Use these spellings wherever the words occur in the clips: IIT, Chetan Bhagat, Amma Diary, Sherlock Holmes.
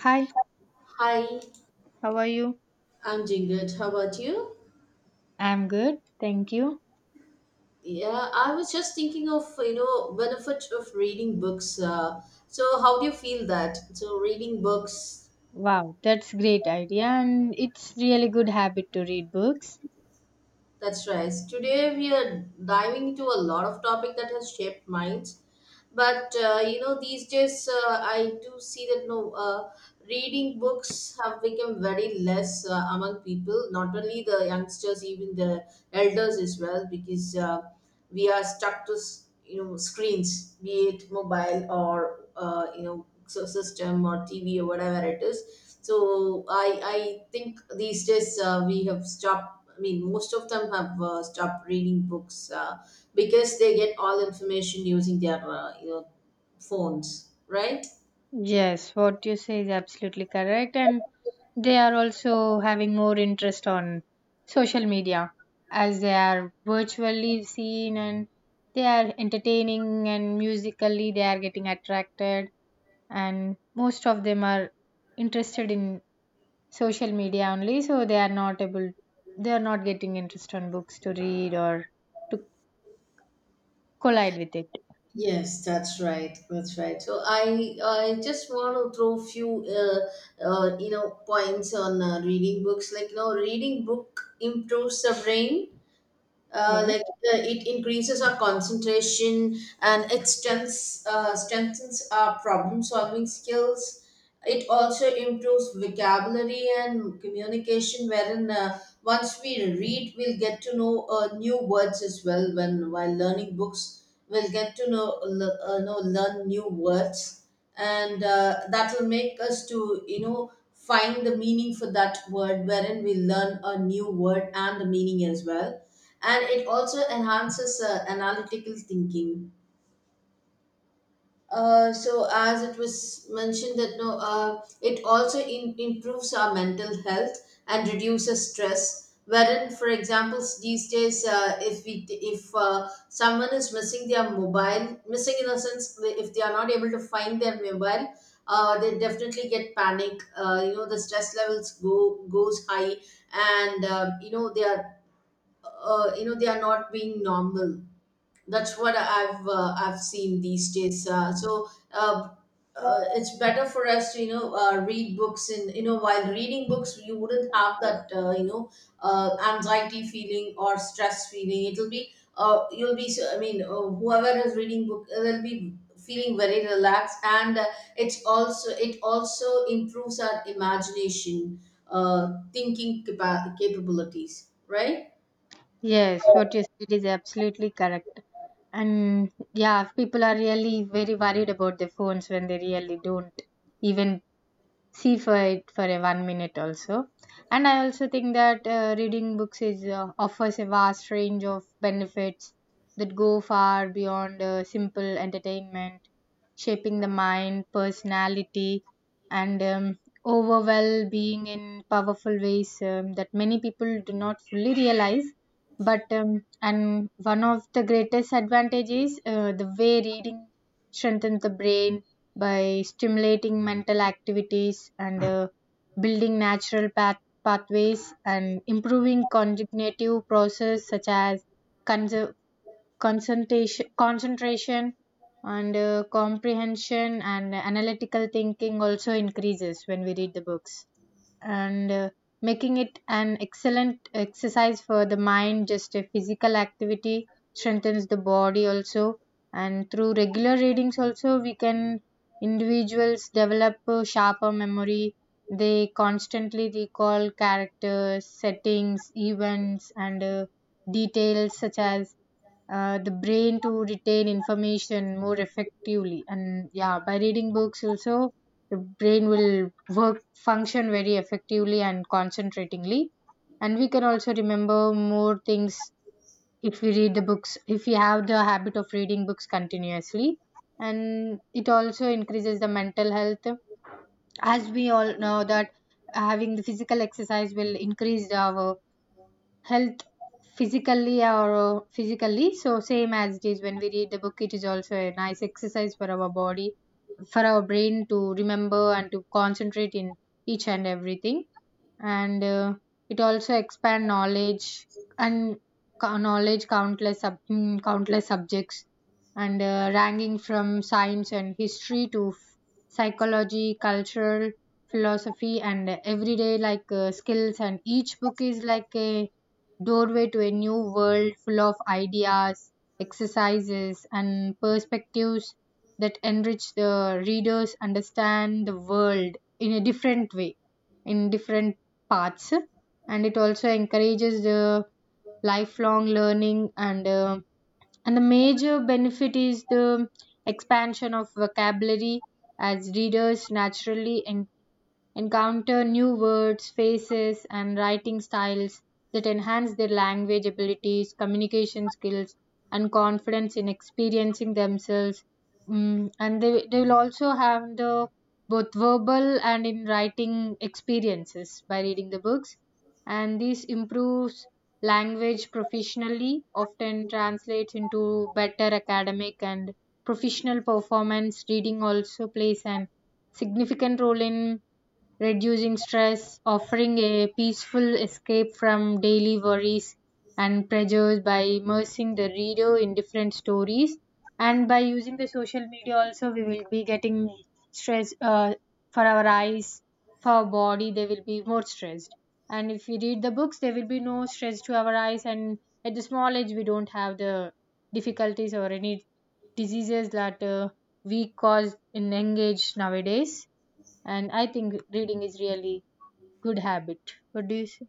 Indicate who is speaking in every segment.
Speaker 1: Hi,
Speaker 2: Hi,
Speaker 1: how are you?
Speaker 2: I'm doing good. How about you?
Speaker 1: I'm good, thank you.
Speaker 2: Yeah, I was just thinking of, you know, benefit of reading books. So how do you feel that? So reading books,
Speaker 1: Wow, that's great idea and it's really good habit to read books.
Speaker 2: that's right. Today we are diving into a lot of topic that has shaped minds. But, you know, these days I do see that, no, reading books have become very less among people, not only the youngsters, even the elders as well, because we are stuck to you know screens, be it mobile or you know so system or tv or whatever it is. So I think these days, we have stopped, I mean most of them have stopped reading books because they get all information using their you know phones, right?
Speaker 1: Yes, what you say is absolutely correct and they are also having more interest on social media as they are virtually seen and they are entertaining and musically they are getting attracted and most of them are interested in social media only, so they are not getting interest on books to read or to collide with it.
Speaker 2: Yes, that's right. That's right. So I just want to throw few you know points on reading books. Like you know, reading book improves the brain,
Speaker 1: Yeah.
Speaker 2: like it increases our concentration, and it strengthens, strengthens our problem solving skills. It also improves vocabulary and communication, wherein once we read we'll get to know new words as well. When while learning books we'll get to know, learn new words, and that will make us to you know find the meaning for that word wherein we learn a new word and the meaning as well, and it also enhances analytical thinking. So as it was mentioned that no, it also improves our mental health and reduces stress, wherein for example, these days, if we if someone is missing their mobile, missing in a sense, if they are not able to find their mobile, they definitely get panic. You know the stress levels go goes high, and you know they are, you know they are not being normal. That's what I've seen these days. It's better for us to you know read books, and you know while reading books you wouldn't have that you know anxiety feeling or stress feeling. It'll be you'll be I mean whoever is reading book they'll be feeling very relaxed, and it also improves our imagination, thinking capabilities, right?
Speaker 1: Yes, what you said is absolutely correct, and yeah, people are really very worried about their phones when they really don't even see for it for a 1 minute also. And I also think that reading books is, offers a vast range of benefits that go far beyond simple entertainment, shaping the mind, personality, and overall being in powerful ways, that many people do not fully realize. But and one of the greatest advantages, the way reading strengthens the brain by stimulating mental activities and building natural pathways and improving cognitive process such as conser concentration concentration and comprehension, and analytical thinking also increases when we read the books. And making it an excellent exercise for the mind, just a physical activity strengthens the body also. And through regular readings also, we can individuals develop a sharper memory. They constantly recall characters, settings, events, and details, such as the brain to retain information more effectively. And yeah, by reading books also, the brain will work, function very effectively and concentratingly, and we can also remember more things if we read the books, if we have the habit of reading books continuously. And it also increases the mental health. As we all know that having the physical exercise will increase our health physically, or physically, so same as it is when we read the book, it is also a nice exercise for our body, for our brain to remember and to concentrate in each and everything. And it also expand knowledge and knowledge countless in countless subjects, and ranging from science and history to psychology, cultural, philosophy, and everyday like skills. And each book is like a doorway to a new world full of ideas, exercises, and perspectives that enrich the readers understand the world in a different way, in different paths. And it also encourages the lifelong learning. And and the major benefit is the expansion of vocabulary, as readers naturally encounter new words, faces, and writing styles that enhance their language abilities, communication skills, and confidence in experiencing themselves. Mm, and they will also have the both verbal and in writing experiences by reading the books. And this improves language professionally, often translates into better academic and professional performance. Reading also plays an significant role in reducing stress, offering a peaceful escape from daily worries and pressures by immersing the reader in different stories. And by using the social media, also, we will be getting stress, for our eyes, for our body, they will be more stressed. And if we read the books, there will be no stress to our eyes. And at the small age, we don't have the difficulties or any diseases that we cause in young age nowadays. And I think reading is really good habit. What do you say?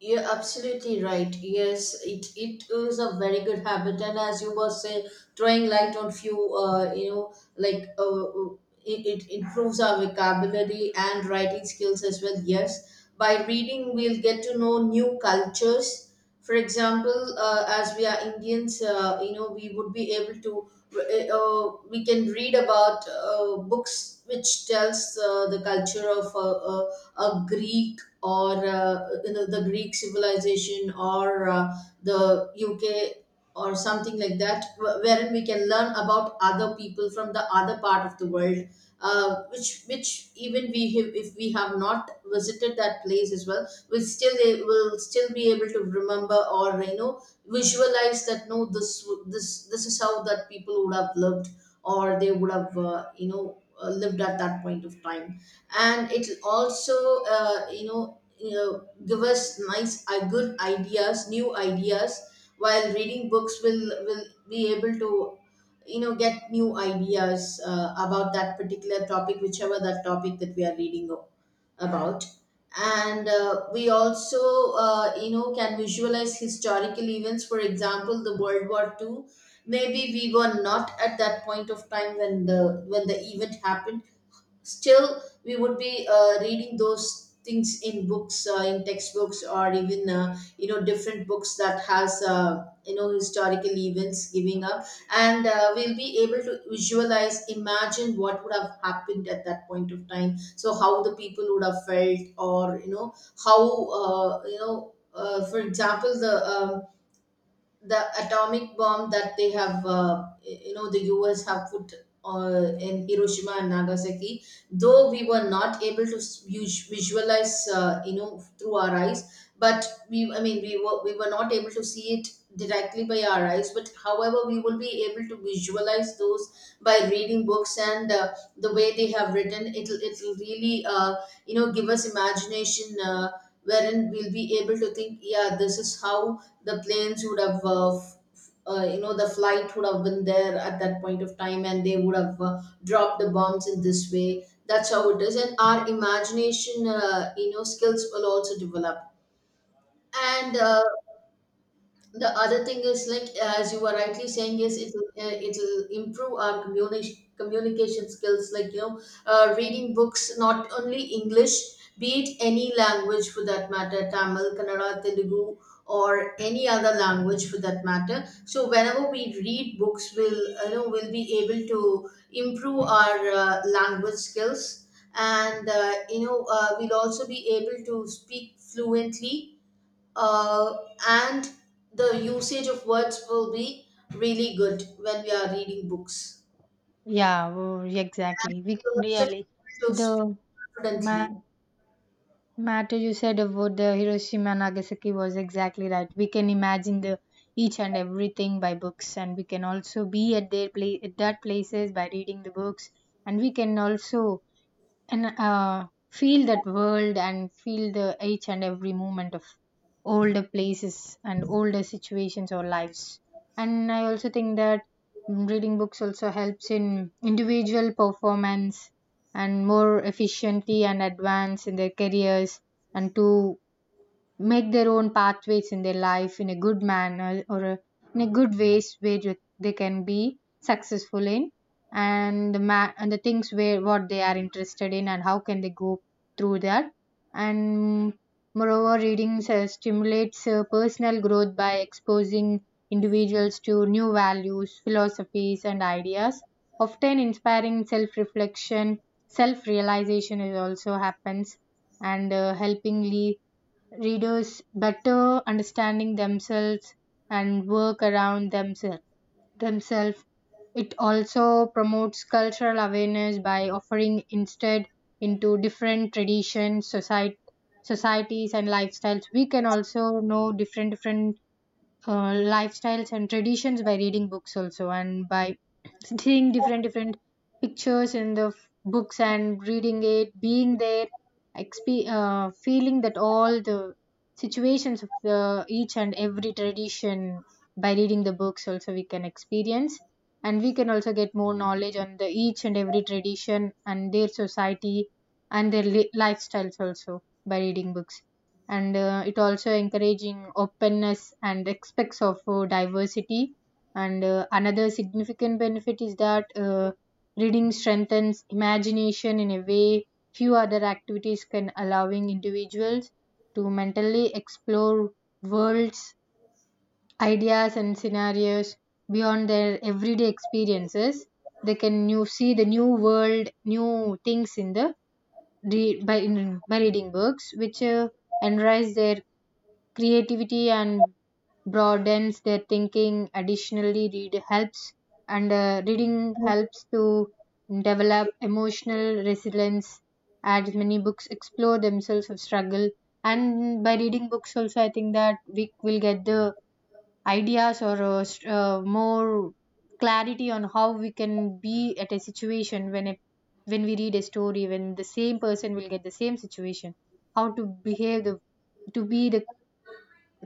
Speaker 2: You're absolutely right. Yes, it is a very good habit, and as you were saying, throwing light on few, you know, like, it, it improves our vocabulary and writing skills as well. Yes, by reading, we'll get to know new cultures. For example, as we are Indians, you know, we would be able to, we can read about books which tells the culture of a Greek or you know the Greek civilization, or the UK or something like that, wherein we can learn about other people from the other part of the world, which even we have, if we have not visited that place as well, we'll still a- will still be able to remember, or you know visualize that no, this w- this is how that people would have lived, or they would have lived at that point of time, and it'll also you know give us nice good ideas, new ideas. While reading books will be able to you know get new ideas about that particular topic, whichever that topic that we are reading about. And we also you know can visualize historical events, for example the World War II. Maybe we were not at that point of time when the event happened, still we would be reading those things in books, in textbooks, or even you know different books that has you know historical events giving up. And we'll be able to visualize, imagine what would have happened at that point of time, so how the people would have felt, or you know how, for example the atomic bomb that they have you know the us have put in hiroshima and nagasaki. Though we were not able to visualize you know through our eyes, but we I mean we were not able to see it directly by our eyes, but however we will be able to visualize those by reading books, and the way they have written, it'll really you know give us imagination, wherein we'll be able to think, yeah, this is how the planes would have you know the flight would have been there at that point of time, and they would have dropped the bombs in this way. That's how it is, and our imagination you know skills will also develop. And the other thing is, like as you were rightly saying, is it'll it'll improve our communication skills, like you know reading books, not only english, be it any language for that matter, tamil, kannada, telugu, or any other language for that matter. So whenever we read books we'll we'll be able to improve our language skills, and we'll also be able to speak fluently, uh, and the usage of words will be really good when we are reading books.
Speaker 1: Yeah, oh,
Speaker 2: And
Speaker 1: exactly. We
Speaker 2: we will also be
Speaker 1: really,
Speaker 2: able to speak
Speaker 1: the ma
Speaker 2: confidently.
Speaker 1: matter you said about the Hiroshima and Nagasaki was exactly right. We can imagine the each and everything by books, and we can also be at their place, at that places by reading the books, and we can also, and feel that world and feel the each and every moment of older places and older situations or lives. And I also think that, mm, reading books also helps in individual performance and more efficiently and advance in their careers and to make their own pathways in their life in a good manner, or a, in a good ways where they can be successful in. And the and the things where what they are interested in and how can they go through that. And moreover, reading stimulates personal growth by exposing individuals to new values, philosophies, and ideas, often inspiring self reflection. Self realization is also happens. And helpingly readers better understanding themselves and work around themselves themselves. It also promotes cultural awareness by offering instead into different traditions, society societies, and lifestyles. We can also know different different lifestyles and traditions by reading books also, and by seeing different different pictures in the books and reading it, being there, feeling that all the situations of the each and every tradition by reading the books also we can experience. And we can also get more knowledge on the each and every tradition and their society and their lifestyles also by reading books. And it also encouraging openness and respects of diversity. And another significant benefit is that reading strengthens imagination in a way few other activities can, allowing individuals to mentally explore worlds, ideas, and scenarios beyond their everyday experiences. They can new see the new world, new things in the by in, by reading books, which enrich their creativity and broadens their thinking. Additionally, reading helps to develop emotional resilience, as many books explore themselves of struggle. And by reading books also, I think that we will get the ideas or more clarity on how we can be at a situation when a, when we read a story, when the same person will get the same situation, how to behave, the to be the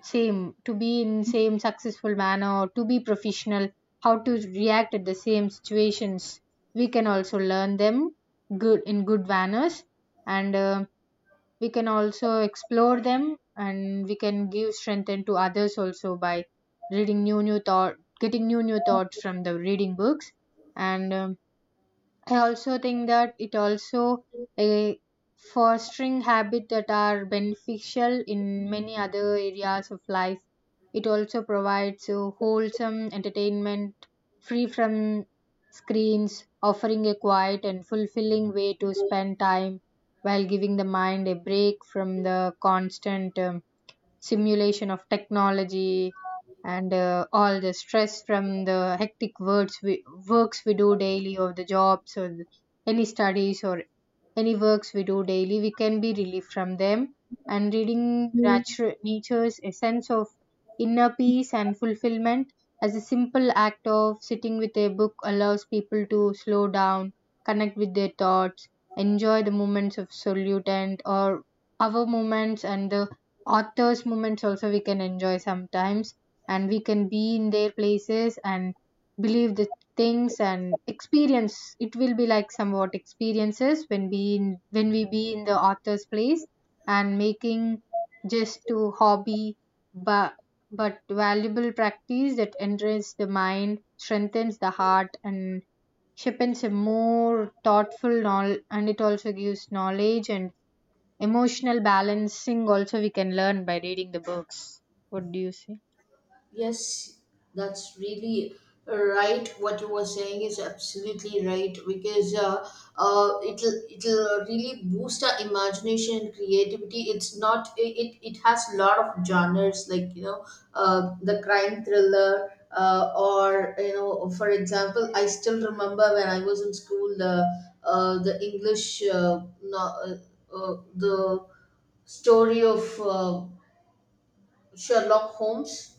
Speaker 1: same, to be in same successful manner or to be professional, how to react at the same situations. We can also learn them good in good manners. And we can also explore them, and we can give strength to others also by reading new new thought, getting new new thoughts from the reading books. And I also think that it also a fostering habit that are beneficial in many other areas of life. It also provides a wholesome entertainment free from screens, offering a quiet and fulfilling way to spend time while giving the mind a break from the constant simulation of technology. And all the stress from the hectic works we do daily, or the jobs, or the, any studies or any works we do daily, we can be relieved from them. And reading nature, nature's essence of inner peace and fulfillment, as a simple act of sitting with a book allows people to slow down, connect with their thoughts, enjoy the moments of solitude, and or our moments and the author's moments also we can enjoy sometimes, and we can be in their places and believe the things and experience, it will be like somewhat experiences when we in, when we be in the author's place, and making just to hobby, but but valuable practice that enriches the mind, strengthens the heart, and sharpens a more thoughtful knowledge. And it also gives knowledge, and emotional balancing also we can learn by reading the books. What do you say?
Speaker 2: Yes, that's really right. What you were saying is absolutely right, because it'll really boost our imagination and creativity. It's not it it it has a lot of genres, like you know the crime thriller. Or you know, for example, I still remember when I was in school, the english no, the story of Sherlock Holmes.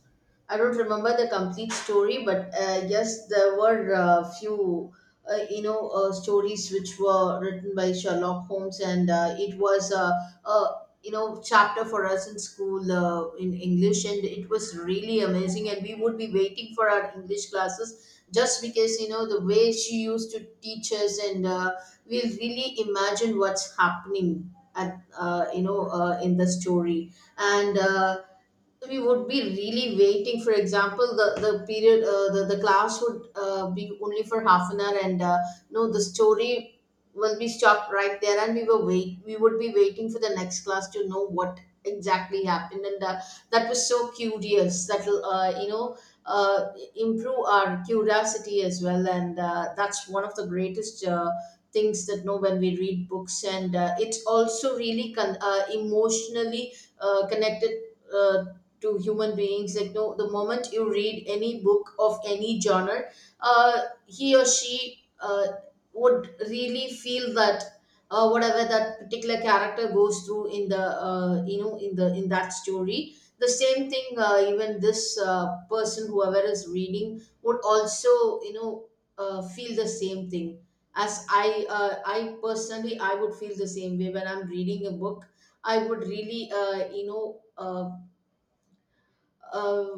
Speaker 2: I don't remember the complete story, but yes, there were a few, stories which were written by Sherlock Holmes, and it was a, you know, chapter for us in school in English, and it was really amazing. And we would be waiting for our English classes just because, you know, the way she used to teach us, and we'll really imagine what's happening at in the story. And. Uh, so we would be really waiting. For example, the period, the class would be only for half an hour, and no the story will be stopped right there, and we were wait we would be waiting for the next class to know what exactly happened. And that was so curious that will uh, improve our curiosity as well, and that's one of the greatest things that know when we read books. And it's also really emotionally connected uh, to human beings, like no, the moment you read any book of any genre, he or she would really feel that, whatever that particular character goes through in the in that story, the same thing, even this person whoever is reading would also you know feel the same thing. As i uh, i personally, I would feel the same way when I'm reading a book. I would really uh, uh,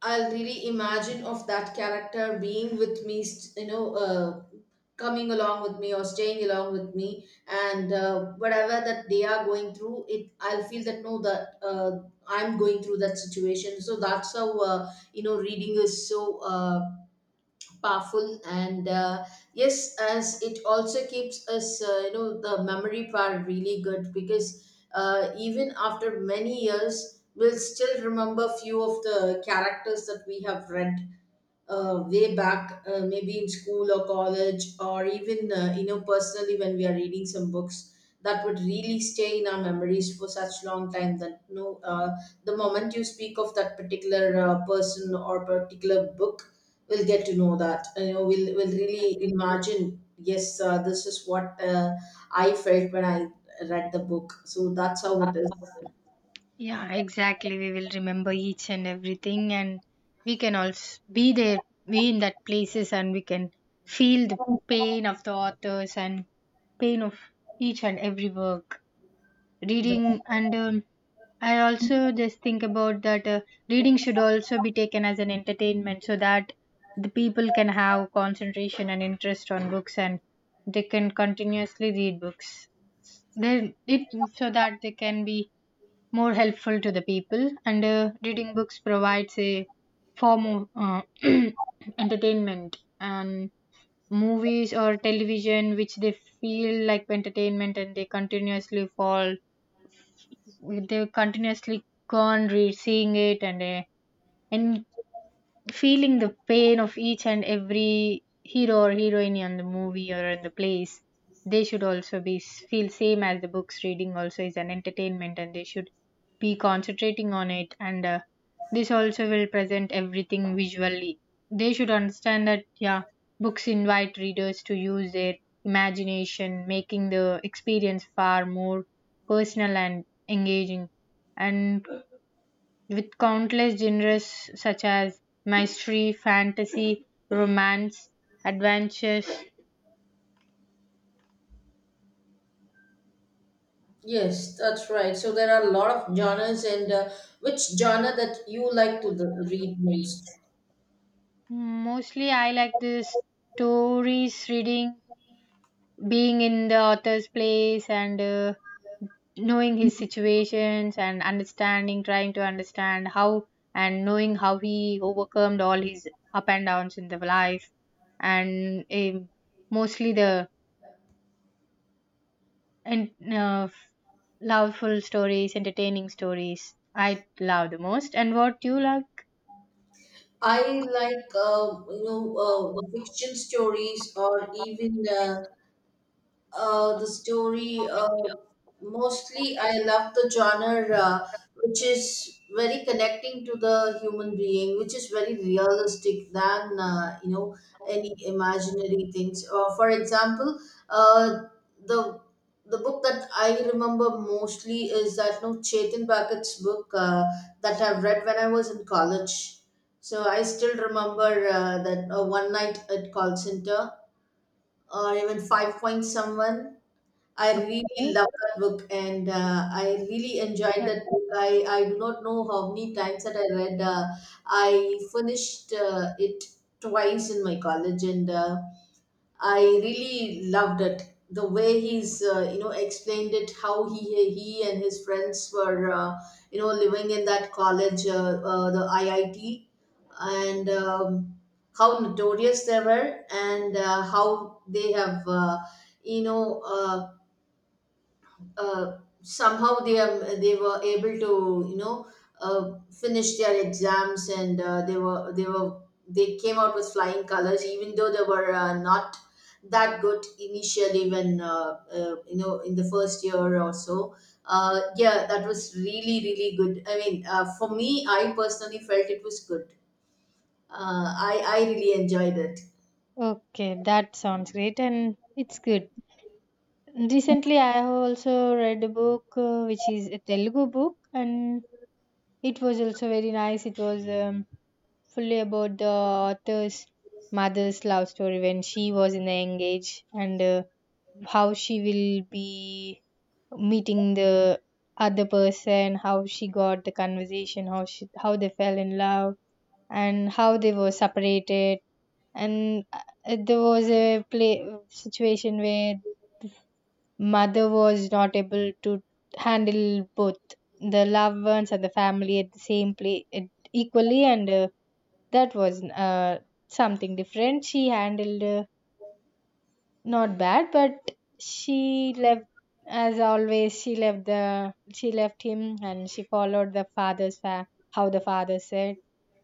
Speaker 2: I'll really imagine of that character being with me, you know, coming along with me or staying along with me, and whatever that they are going through, it I'll feel that no, that I'm going through that situation. So that's how you know reading is so. Powerful. And yes, as it also keeps us you know the memory part really good, because even after many years we'll still remember few of the characters that we have read way back, maybe in school or college, or even you know personally when we are reading some books, that would really stay in our memories for such long time that, you know, the moment you speak of that particular person or particular book, we'll get to know that. You know, we'll we will really imagine. Yes, this is what I felt when I read the book. So that's how it is.
Speaker 1: Yeah, exactly. We will remember each and everything, and we can also be there, be in that places, and we can feel the pain of the authors and pain of each and every work. Reading, and I also just think about that reading should also be taken as an entertainment so that the people can have concentration and interest on books and they can continuously read books. Then it, so that they can be more helpful to the people. And reading books provides a form of entertainment, and movies or television which they feel like entertainment and they continuously fall, they continuously can't read seeing it. And en- feeling the pain of each and every hero or heroine in the movie or in the plays, they should also be feel same as the books. Reading also is an entertainment and they should be concentrating on it. And this also will present everything visually. They should understand that, yeah, books invite readers to use their imagination, making the experience far more personal and engaging. And with countless genres such as mystery, fantasy, romance, adventures.
Speaker 2: Yes, that's right. So there are a lot of genres, and which genre that you like to read most?
Speaker 1: Mostly, I like the stories, reading, being in the author's place, and knowing his situations and understanding, trying to understand how, and knowing how he overcome all his up and downs in the life. And mostly the, and loveful stories, entertaining stories, I love the most. And what you love?
Speaker 2: I like, the fiction stories, or even the story. Mostly, I love the genre which is very connecting to the human being, which is very realistic than you know any imaginary things. For example, uh, the the book that I remember mostly is that no Chetan Bhagat's book that I've read when I was in college. So I still remember that One Night at Call Center or even Five Point Someone. I really
Speaker 1: Okay,
Speaker 2: love that book, and I really enjoyed
Speaker 1: that-
Speaker 2: that book. I do not know how many times that I read. I finished it twice in my college, and I really loved it. The way he's explained it, how he and his friends were living in that college, the IIT, and how notorious they were, and how they have you know. Uh, somehow they were able to finish their exams, and they came out with flying colors, even though they were not that good initially when in the first year or so. Yeah, that was really, really good. I mean, for me, I personally felt it was good. I really enjoyed it.
Speaker 1: okay, that sounds great and it's good. Recently, I have also read a book which is a Telugu book, and it was also very nice. It was fully about the author's mother's love story when she was in the young age, and how she will be meeting the other person, how she got the conversation, how they fell in love. And how they were separated, and there was a play situation where mother was not able to handle both the loved ones and the family at the same place equally. And that was something different she handled, not bad, but she left, as always. She left the she left him, and she followed the how the father said.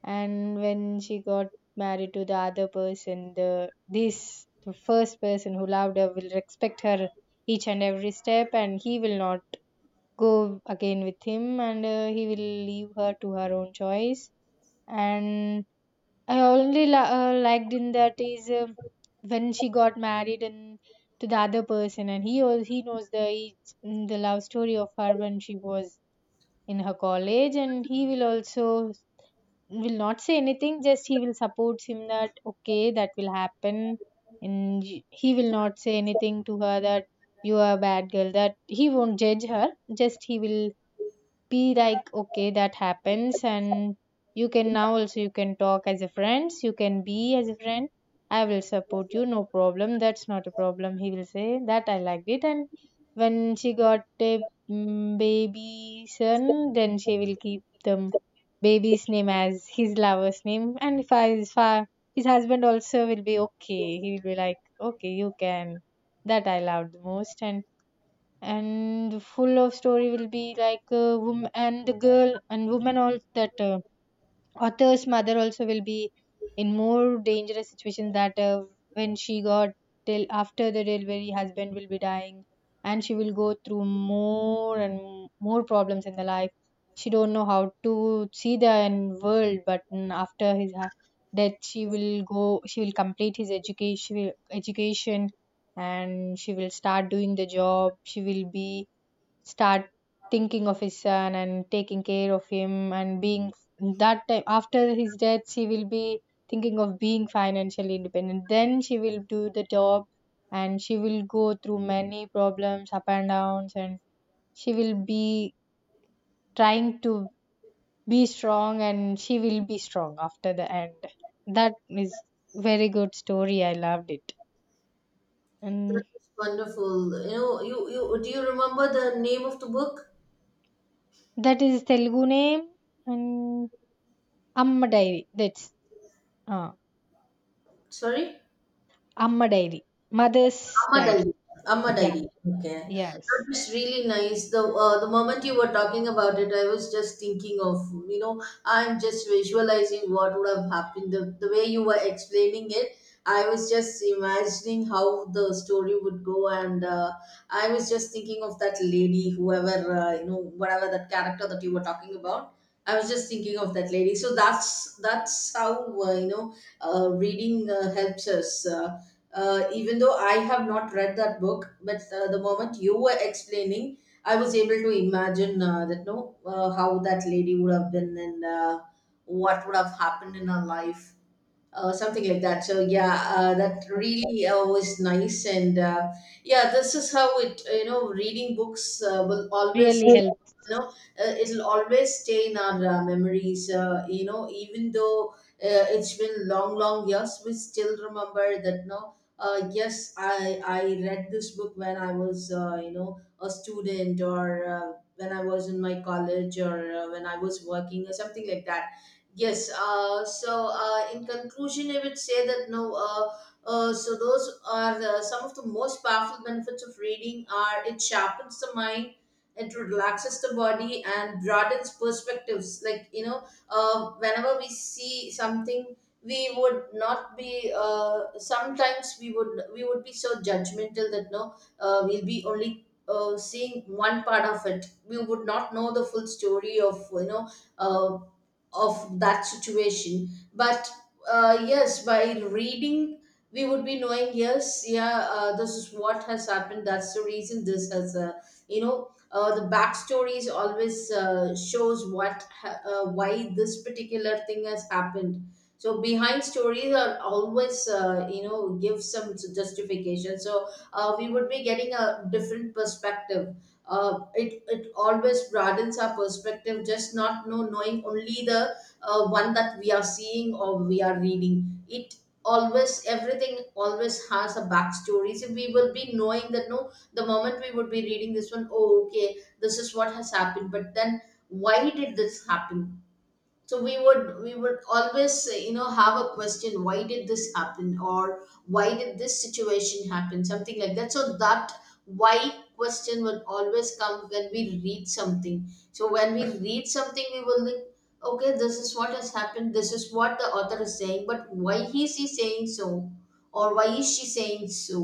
Speaker 1: And when she got married to the other person, the first person who loved her will respect her each and every step, and he will not go again with him, and he will leave her to her own choice. And I only liked in that is, when she got married and to the other person, and he knows the the love story of her when she was in her college, and he will also will not say anything. Just he will support him that okay, that will happen, and he will not say anything to her that you are a bad girl. That he won't judge her. Just he will be like okay, that happens, and you can now also you can talk as a friends, you can be as a friend, I will support you, no problem, that's not a problem. He will say that, I liked it. And when she got a, baby son, then she will keep the baby's name as his lover's name, and if I- his husband also will be okay, he will be like okay you can, that I loved the most. And full of story will be like woman and the girl and woman, all that. Author's mother also will be in more dangerous situations, that when she got till after the delivery, husband will be dying, and she will go through more and more problems in the life. She don't know how to see the world, but after his death, she will go. She will complete his education, education, and she will start doing the job. She will be start thinking of his son and taking care of him, and being that time after his death she will be thinking of being financially independent, then she will do the job, and she will go through many problems, up and downs. And she will be trying to be strong, and she will be strong after the end. That is very good story, I loved it.
Speaker 2: That
Speaker 1: And
Speaker 2: was wonderful. You know, you do you remember the name of the book?
Speaker 1: that is Telugu name. And Amma Diary, that's uh,
Speaker 2: Sorry.
Speaker 1: Amma Diary, Mother's
Speaker 2: Amma
Speaker 1: Diary.
Speaker 2: Diary. Amma
Speaker 1: Yeah,
Speaker 2: Diary. Okay. That
Speaker 1: yes,
Speaker 2: was really nice. The moment you were talking about it, I was just thinking of, you know, I'm just visualizing what would have happened. The way you were explaining it, I was just imagining how the story would go. And I was just thinking of that lady, whoever, whatever that character that you were talking about. I was just thinking of that lady. So that's how reading helps us. Even though I have not read that book, but the moment you were explaining, I was able to imagine that no, how that lady would have been, and what would have happened in her life, something like that. So yeah, that really was nice, and yeah, this is how it, you know, reading books will always,
Speaker 1: really
Speaker 2: you
Speaker 1: helps.
Speaker 2: know, it'll always stay in our memories. You know, even though it's been long, long years, we still remember that. No, yes, I read this book when I was a student, or. When I was in my college or when I was working or something like that. Yes. So, in conclusion, I would say that no. So those are some of the most powerful benefits of reading. Are it sharpens the mind, it relaxes the body, and broadens perspectives. Like, you know, whenever we see something, we would not be. Sometimes we would be so judgmental that no, we'll be only. Seeing one part of it, we would not know the full story of, you know, uh, of that situation, but yes, by reading we would be knowing. Yes, yeah, this is what has happened. That's the reason this has the backstories always shows why this particular thing has happened. So behind stories are always give some justification. So we would be getting a different perspective. It always broadens our perspective, just not knowing only the one that we are seeing or we are reading it. Always everything always has a backstory, so we will be knowing that no, the moment we would be reading this one, oh okay, this is what has happened, but then why did this happen? So we would always have a question, why did this happen, or why did this situation happen, something like that. So that why question would always come when we read something. So when we read something, we will think, okay, this is what has happened, this is what the author is saying, but why is he saying so, or why is she saying so,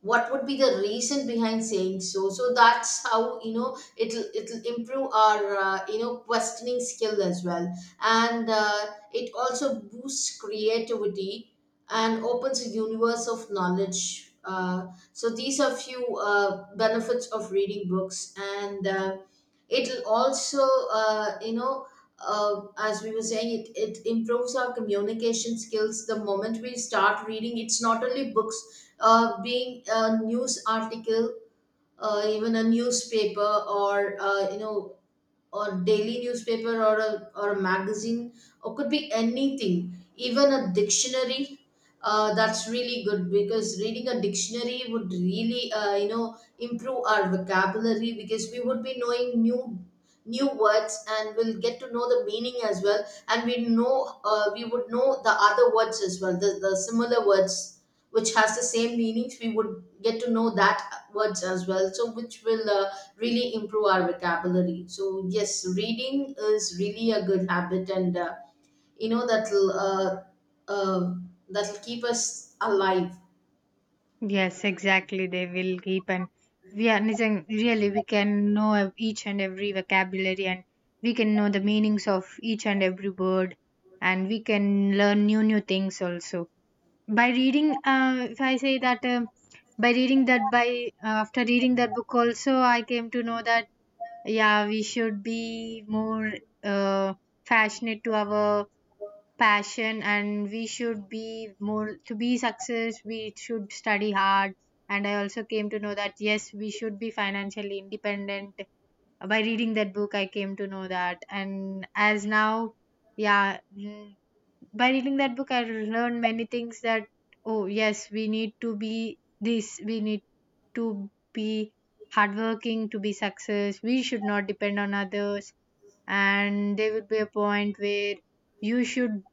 Speaker 2: what would be the reason behind saying so? So that's how, you know, it'll improve our questioning skill as well. And it also boosts creativity and opens a universe of knowledge. So these are few benefits of reading books, and it'll also uh, you know as we were saying, it improves our communication skills. The moment we start reading, it's not only books, being a news article, even a newspaper, or or daily newspaper, or or a magazine, or could be anything, even a dictionary. That's really good, because reading a dictionary would really improve our vocabulary, because we would be knowing new new words and we'll get to know the meaning as well. And we know we would know the other words as well, the similar words, which has the same meanings, we would get to know that words as well, so which will really improve our vocabulary. So yes, reading is really a good habit, and that'll uh, that'll keep us alive.
Speaker 1: Yes, exactly. They will keep. And we are Nizam, really we can know of each and every vocabulary, and we can know the meanings of each and every word, and we can learn new new things also by reading. If I say that, by reading that, by after reading that book also I came to know that yeah, we should be more uh, passionate to our passion, and we should be more to be success, we should study hard. And I also came to know that yes, we should be financially independent. By reading that book I came to know that. And as now, yeah, by reading that book I learned many things, that oh yes, we need to be this, we need to be hardworking to be success, we should not depend on others, and there would be a point where you should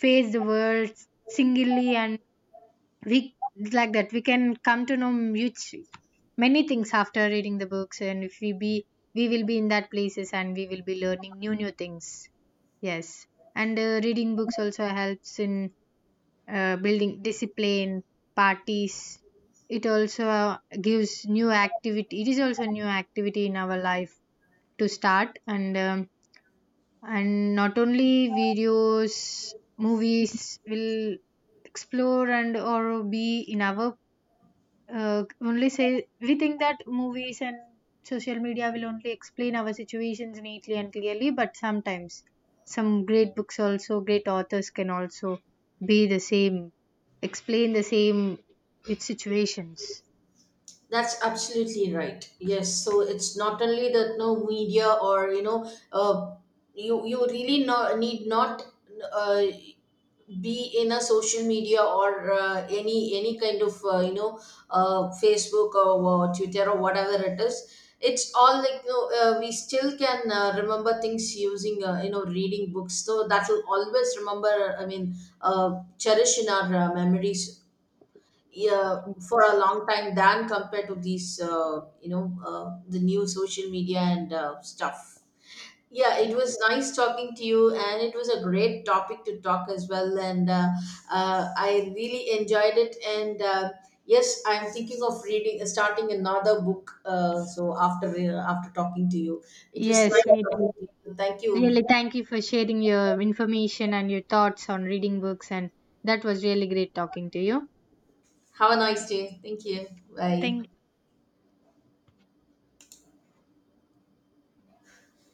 Speaker 1: face the world singly. And we, like that we can come to know much many things after reading the books, and if we be, we will be in that places and we will be learning new new things. Yes. And reading books also helps in building discipline parties. It also gives new activity, it is also new activity in our life to start. And and not only videos, movies will explore and or be in our, only say we think that movies and social media will only explain our situations neatly and clearly, but sometimes some great books also, great authors can also be the same, explain the same with situations.
Speaker 2: That's absolutely right. Yes, so it's not only that no media, or you know, you you really no, need not uh, be in a social media or any kind of Facebook, or Twitter, or whatever it is. It's all like, you know, we still can remember things using reading books. So that will always remember. I mean, cherish in our memories, yeah, for a long time than compared to these, the new social media and stuff. Yeah, it
Speaker 1: Yeah,
Speaker 2: was nice talking to you, and it was a great topic to talk as well. And I really enjoyed it. And yes, I'm thinking of reading, starting another book. So after after talking to you, it was nice
Speaker 1: yes, me too.
Speaker 2: talking to you. Thank you.
Speaker 1: Really, thank you for sharing your information and your thoughts on reading books. And that was really great talking to you.
Speaker 2: Have a nice day. Thank you. Bye.
Speaker 1: Thank